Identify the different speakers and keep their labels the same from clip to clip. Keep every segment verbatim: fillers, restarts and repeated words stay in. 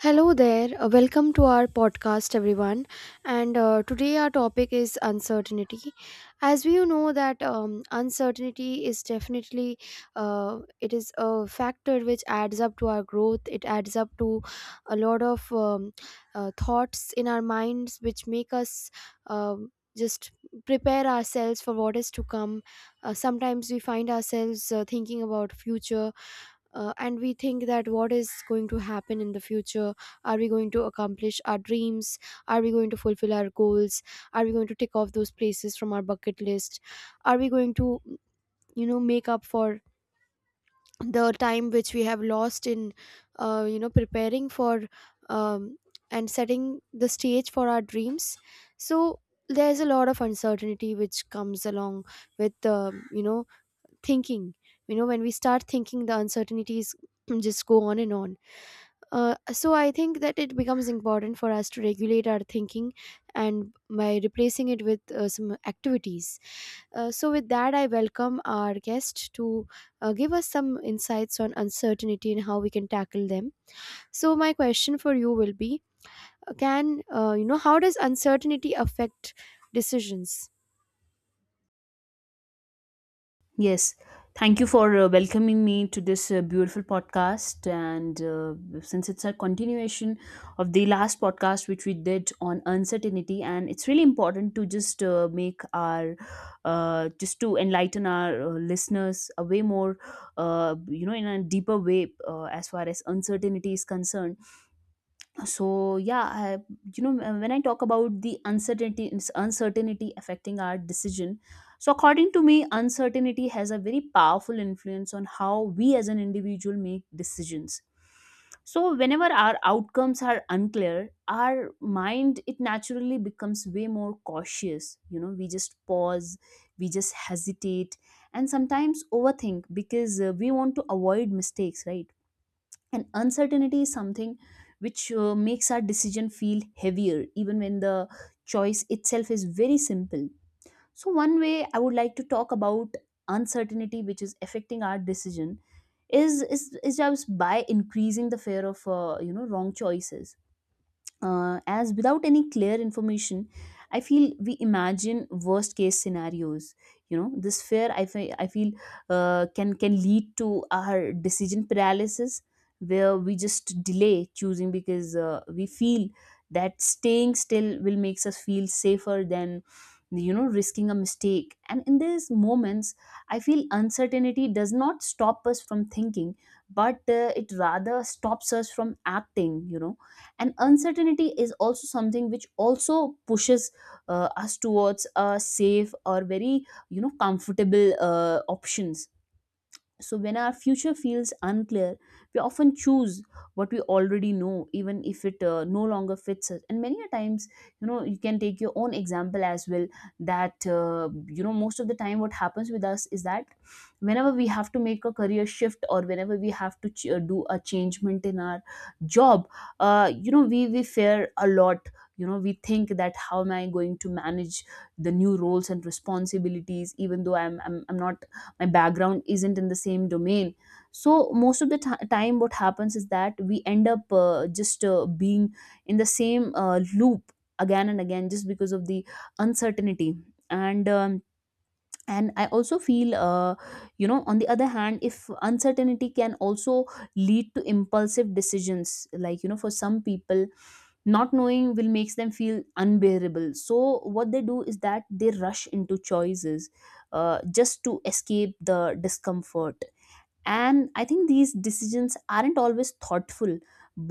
Speaker 1: Hello there. Uh, welcome to our podcast, everyone. And uh, today our topic is uncertainty. As we know that um, uncertainty is definitely uh, it is a factor which adds up to our growth. It adds up to a lot of um, uh, thoughts in our minds, which make us. Um, just prepare ourselves for what is to come. Uh, sometimes we find ourselves uh, thinking about future, uh, and we think that what is going to happen in the future? Are we going to accomplish our dreams? Are we going to fulfill our goals? Are we going to tick off those places from our bucket list? Are we going to you know make up for the time which we have lost in uh, you know preparing for um, and setting the stage for our dreams? So there's a lot of uncertainty which comes along with the you know thinking. You know, when we start thinking, the uncertainties just go on and on. Uh, so I think that it becomes important for us to regulate our thinking and by replacing it with uh, some activities. Uh, so with that I welcome our guest to uh, give us some insights on uncertainty and how we can tackle them. So my question for you will be, uh, can uh, you know how does uncertainty affect decisions?
Speaker 2: Yes, thank you for uh, welcoming me to this uh, beautiful podcast. And uh, since it's a continuation of the last podcast which we did on uncertainty, and it's really important to just uh, make our uh, just to enlighten our uh, listeners a way more, uh, you know, in a deeper way uh, as far as uncertainty is concerned. So yeah, I, you know uh, when I talk about the uncertainty uncertainty affecting our decision, so according to me, uncertainty has a very powerful influence on how we as an individual make decisions. So whenever our outcomes are unclear, our mind, it naturally becomes way more cautious, you know, we just pause, we just hesitate and sometimes overthink because uh, we want to avoid mistakes, right? And uncertainty is something which uh, makes our decision feel heavier even when the choice itself is very simple. So one way I would like to talk about uncertainty which is affecting our decision is is, is just by increasing the fear of uh, you know, wrong choices. Uh, as without any clear information, I feel we imagine worst case scenarios. You know, this fear, i feel, I feel uh, can can lead to our decision paralysis, where we just delay choosing because uh, we feel that staying still will makes us feel safer than, you know, risking a mistake. And in these moments, I feel uncertainty does not stop us from thinking, but uh, it rather stops us from acting, you know. And uncertainty is also something which also pushes uh, us towards a safe or very, you know, comfortable uh, options. So, when our future feels unclear, we often choose what we already know, even if it uh, no longer fits us. And many a times, you know, you can take your own example as well. That, uh, you know, most of the time, what happens with us is that whenever we have to make a career shift or whenever we have to ch- uh, do a changement in our job, uh, you know, we, we fear a lot. You know, we think that how am I going to manage the new roles and responsibilities, even though I'm, I'm, I'm not, my background isn't in the same domain. So most of the ti- time what happens is that we end up uh, just uh, being in the same uh, loop again and again just because of the uncertainty. And um, and I also feel, uh, you know, on the other hand, if uncertainty can also lead to impulsive decisions, like, you know, for some people, not knowing will makes them feel unbearable, so what they do is that they rush into choices uh, just to escape the discomfort. And I think these decisions aren't always thoughtful,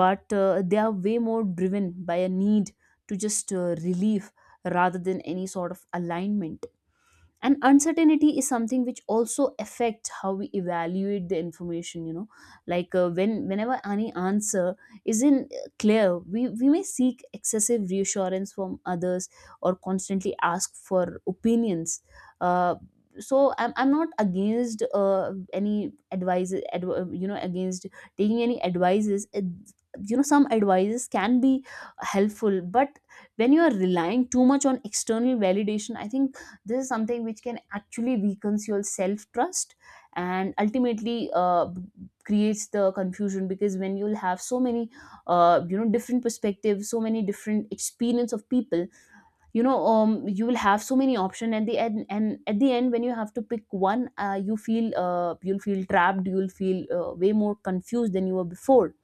Speaker 2: but uh, they are way more driven by a need to just uh, relieve rather than any sort of alignment. And uncertainty is something which also affects how we evaluate the information, you know, like uh, when whenever any answer isn't uh, clear, we, we may seek excessive reassurance from others or constantly ask for opinions. uh, so I'm, I'm not against uh, any advice adv- uh, you know, against taking any advices. Uh, you know, some advices can be helpful, but when you are relying too much on external validation, I think this is something which can actually weaken your self trust and ultimately uh, creates the confusion, because when you'll have so many uh, you know, different perspectives, so many different experience of people, you know, um, you will have so many options at the end, and at the end when you have to pick one, uh, you feel, uh, you'll feel trapped, you'll feel uh, way more confused than you were before.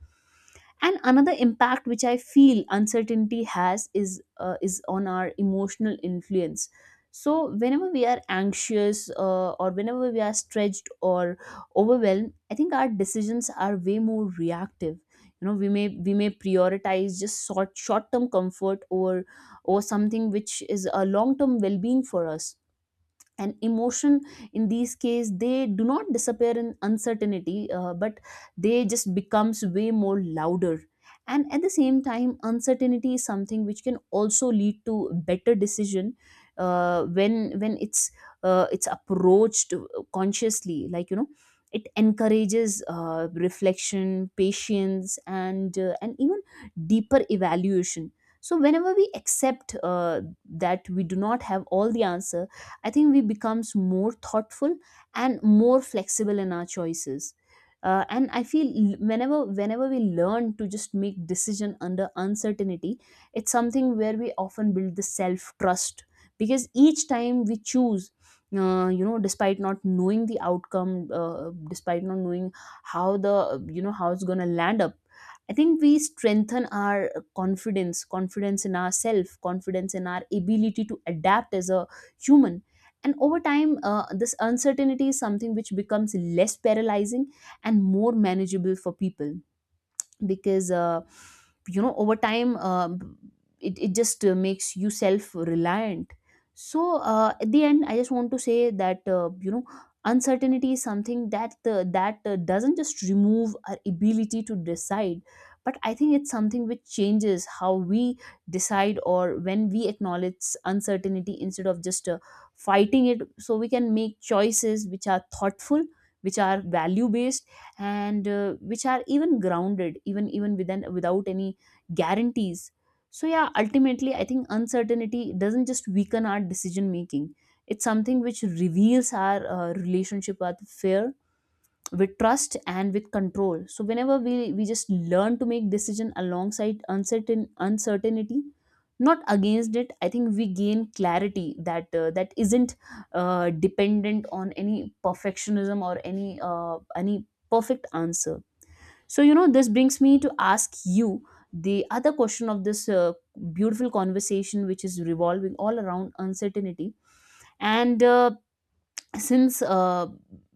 Speaker 2: And another impact which I feel uncertainty has is uh, is on our emotional influence. So whenever we are anxious, uh, or whenever we are stretched or overwhelmed, I think our decisions are way more reactive. You know, we may we may prioritize just short short term comfort or or something which is a long term well being for us. And emotion, in these cases, they do not disappear in uncertainty, uh, but they just becomes way more louder. And at the same time, uncertainty is something which can also lead to better decision uh, when when it's uh, it's approached consciously, like, you know, it encourages uh, reflection, patience and uh, and even deeper evaluation. So whenever we accept uh, that we do not have all the answer, I think we becomes more thoughtful and more flexible in our choices. Uh, and I feel, l- whenever whenever we learn to just make decision under uncertainty, it's something where we often build the self trust, because each time we choose, uh, you know, despite not knowing the outcome, uh, despite not knowing how the, you know, how it's gonna land up, I think we strengthen our confidence, confidence in ourselves, confidence in our ability to adapt as a human. And over time, uh, this uncertainty is something which becomes less paralyzing and more manageable for people, because uh, you know, over time, um it, it just uh, makes you self reliant. So uh, at the end, I just want to say that uh, you know uncertainty is something that uh, that uh, doesn't just remove our ability to decide, but I think it's something which changes how we decide, or when we acknowledge uncertainty instead of just uh, fighting it, so we can make choices which are thoughtful, which are value based, and uh, which are even grounded, even even within, without any guarantees. So yeah, ultimately I think uncertainty doesn't just weaken our decision making, it's something which reveals our uh, relationship with fear, with trust and with control. So whenever we we just learn to make decision alongside uncertain uncertainty, not against it, I think we gain clarity that uh, that isn't uh, dependent on any perfectionism or any uh, any perfect answer. So, you know, this brings me to ask you the other question of this uh, beautiful conversation which is revolving all around uncertainty. And uh, since uh,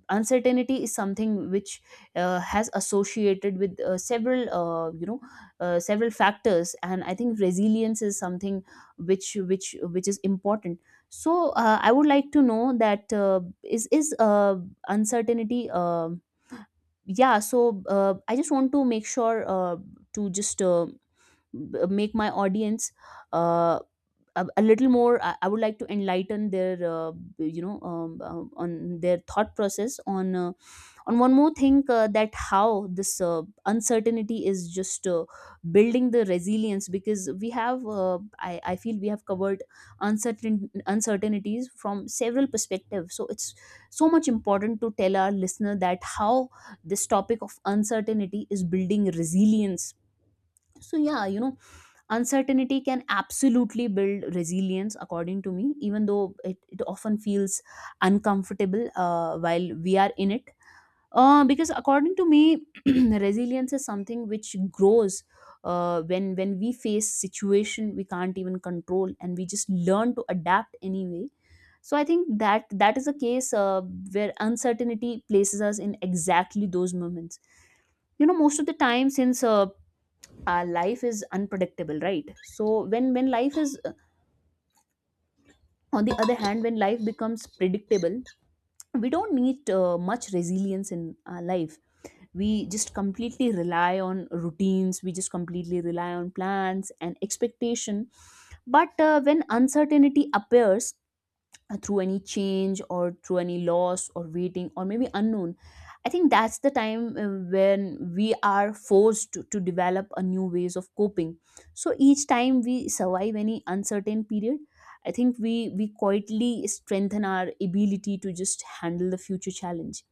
Speaker 2: uncertainty is something which uh, has associated with uh, several uh, you know uh, several factors, and I think resilience is something which which which is important. So uh, I would like to know that, uh, is is uh, uncertainty uh, yeah, so uh, I just want to make sure uh, to just uh, b- make my audience uh, a, a little more, I, I would like to enlighten their uh, you know um, um, on their thought process on uh, on one more thing, uh, that how this uh, uncertainty is just uh, building the resilience, because we have uh, I, I feel we have covered uncertain uncertainties from several perspectives, so it's so much important to tell our listener that how this topic of uncertainty is building resilience. So yeah, you know, uncertainty can absolutely build resilience, according to me, even though it, it often feels uncomfortable uh, while we are in it. Uh, because according to me, resilience is something which grows uh, when when we face situation we can't even control, and we just learn to adapt anyway. So I think that that is a case uh, where uncertainty places us in exactly those moments. You know, most of the time, since uh, our life is unpredictable, right? So when when life is uh, on the other hand, when life becomes predictable, we don't need uh, much resilience in our life. We just completely rely on routines, we just completely rely on plans and expectation. But uh, when uncertainty appears, uh, through any change or through any loss or waiting or maybe unknown, I think that's the time uh, when we are forced to, to develop a new ways of coping. So each time we survive any uncertain period, I think we we quietly strengthen our ability to just handle the future challenge.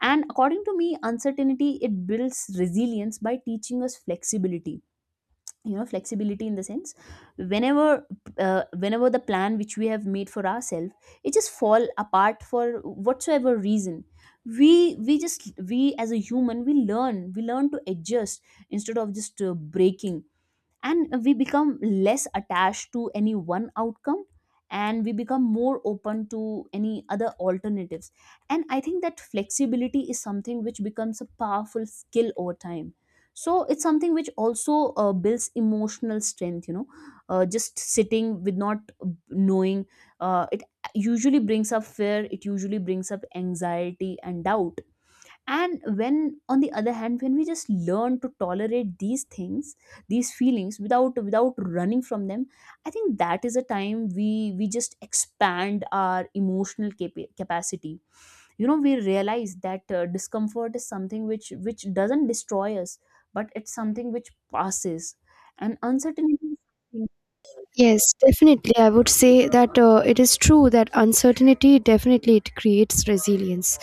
Speaker 2: And according to me, uncertainty, it builds resilience by teaching us flexibility. You know, flexibility in the sense, whenever uh, whenever the plan which we have made for ourselves, it just fall apart for whatsoever reason, we we just we as a human, we learn we learn to adjust instead of just uh, breaking. And we become less attached to any one outcome, and we become more open to any other alternatives. And I think that flexibility is something which becomes a powerful skill over time. So it's something which also uh, builds emotional strength, you know, uh, just sitting with not knowing, uh, it usually brings up fear, it usually brings up anxiety and doubt. And when, on the other hand, when we just learn to tolerate these things, these feelings without without running from them, I think that is a time we we just expand our emotional capa- capacity. You know, we realize that uh, discomfort is something which which doesn't destroy us, but it's something which passes. And uncertainty is something
Speaker 1: Yes, definitely. I would say that uh, it is true that uncertainty definitely it creates resilience,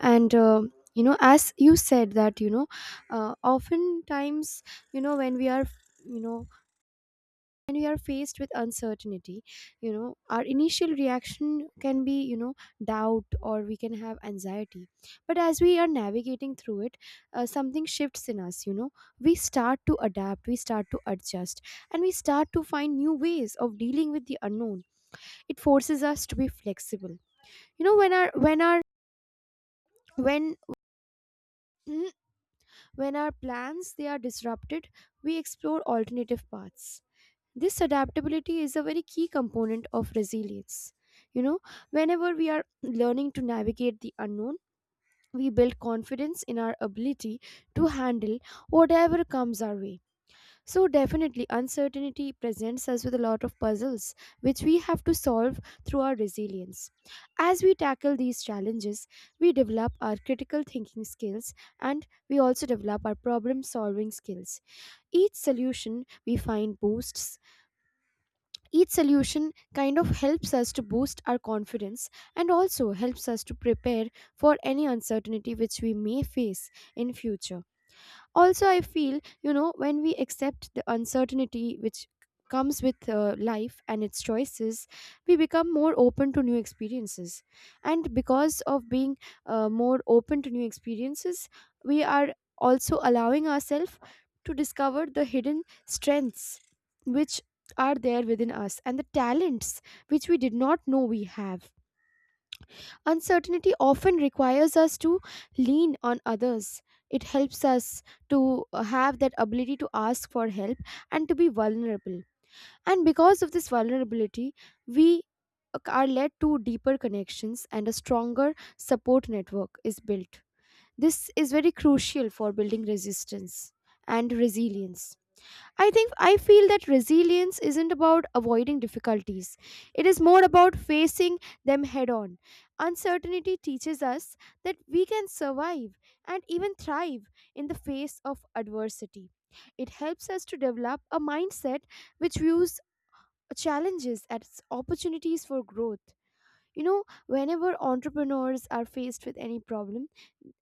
Speaker 1: and uh, you know, as you said that you know, uh, oftentimes, you know when we are, you know and we are faced with uncertainty, you know, our initial reaction can be, you know, doubt or we can have anxiety. But as we are navigating through it, uh, something shifts in us. You know, we start to adapt, we start to adjust, and we start to find new ways of dealing with the unknown. It forces us to be flexible. You know, when our when our when when our plans they are disrupted, we explore alternative paths. This adaptability is a very key component of resilience. You know, whenever we are learning to navigate the unknown, we build confidence in our ability to handle whatever comes our way. So definitely uncertainty presents us with a lot of puzzles which we have to solve through our resilience. As we tackle these challenges, we develop our critical thinking skills and we also develop our problem solving skills. Each solution we find boosts Each solution kind of helps us to boost our confidence and also helps us to prepare for any uncertainty which we may face in future. Also I feel, you know, when we accept the uncertainty which comes with uh, life and its choices, we become more open to new experiences. And because of being uh, more open to new experiences, we are also allowing ourselves to discover the hidden strengths which are there within us, and the talents which we did not know we have. Uncertainty often requires us to lean on others. It helps us to uh, have that ability to ask for help and to be vulnerable. And because of this vulnerability, we are led to deeper connections and a stronger support network is built. This is very crucial for building resistance and resilience. I think I feel that resilience isn't about avoiding difficulties. It is more about facing them head on. Uncertainty teaches us that we can survive and even thrive in the face of adversity. It helps us to develop a mindset which views challenges as opportunities for growth. You know, whenever entrepreneurs are faced with any problem,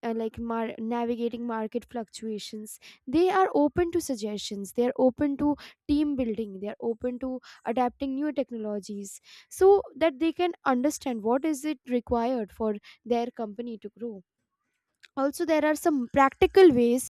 Speaker 1: uh, like mar- navigating market fluctuations, they are open to suggestions, they are open to team building, they are open to adapting new technologies, so that they can understand what is it required for their company to grow. Also, there are some practical ways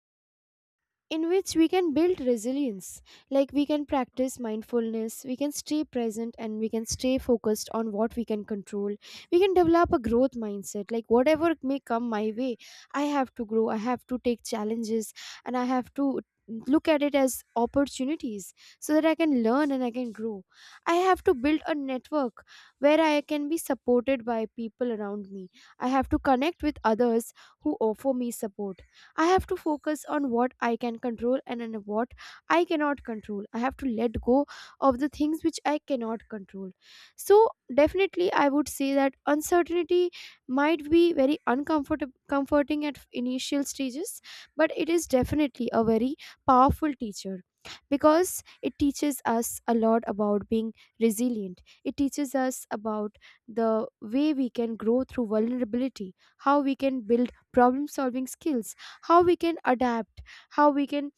Speaker 1: in which we can build resilience. Like, we can practice mindfulness, we can stay present, and we can stay focused on what we can control. We can develop a growth mindset, like whatever may come my way, I have to grow, I have to take challenges, and I have to look at it as opportunities so that I can learn and I can grow. I have to build a network where I can be supported by people around me. I have to connect with others who offer me support. I have to focus on what I can control and on what I cannot control. I have to let go of the things which I cannot control. So, definitely, I would say that uncertainty might be very uncomfortable comforting at initial stages, but it is definitely a very powerful teacher, because it teaches us a lot about being resilient. It teaches us about the way we can grow through vulnerability, how we can build problem solving skills, how we can adapt, how we can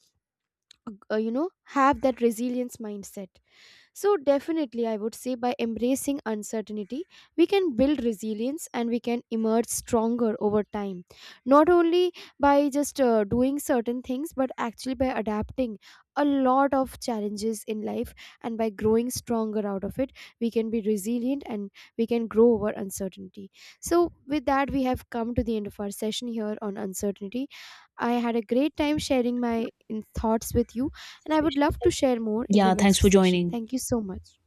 Speaker 1: uh, you know have that resilience mindset. So, definitely, I would say by embracing uncertainty, we can build resilience and we can emerge stronger over time. Not only by just uh, doing certain things, but actually by adapting a lot of challenges in life and by growing stronger out of it, we can be resilient and we can grow over uncertainty. So, with that, we have come to the end of our session here on uncertainty. I had a great time sharing my in- thoughts with you. And I would
Speaker 2: special.
Speaker 1: love to share more in the
Speaker 2: Yeah, thanks
Speaker 1: next
Speaker 2: for
Speaker 1: session.
Speaker 2: joining.
Speaker 1: Thank you so much.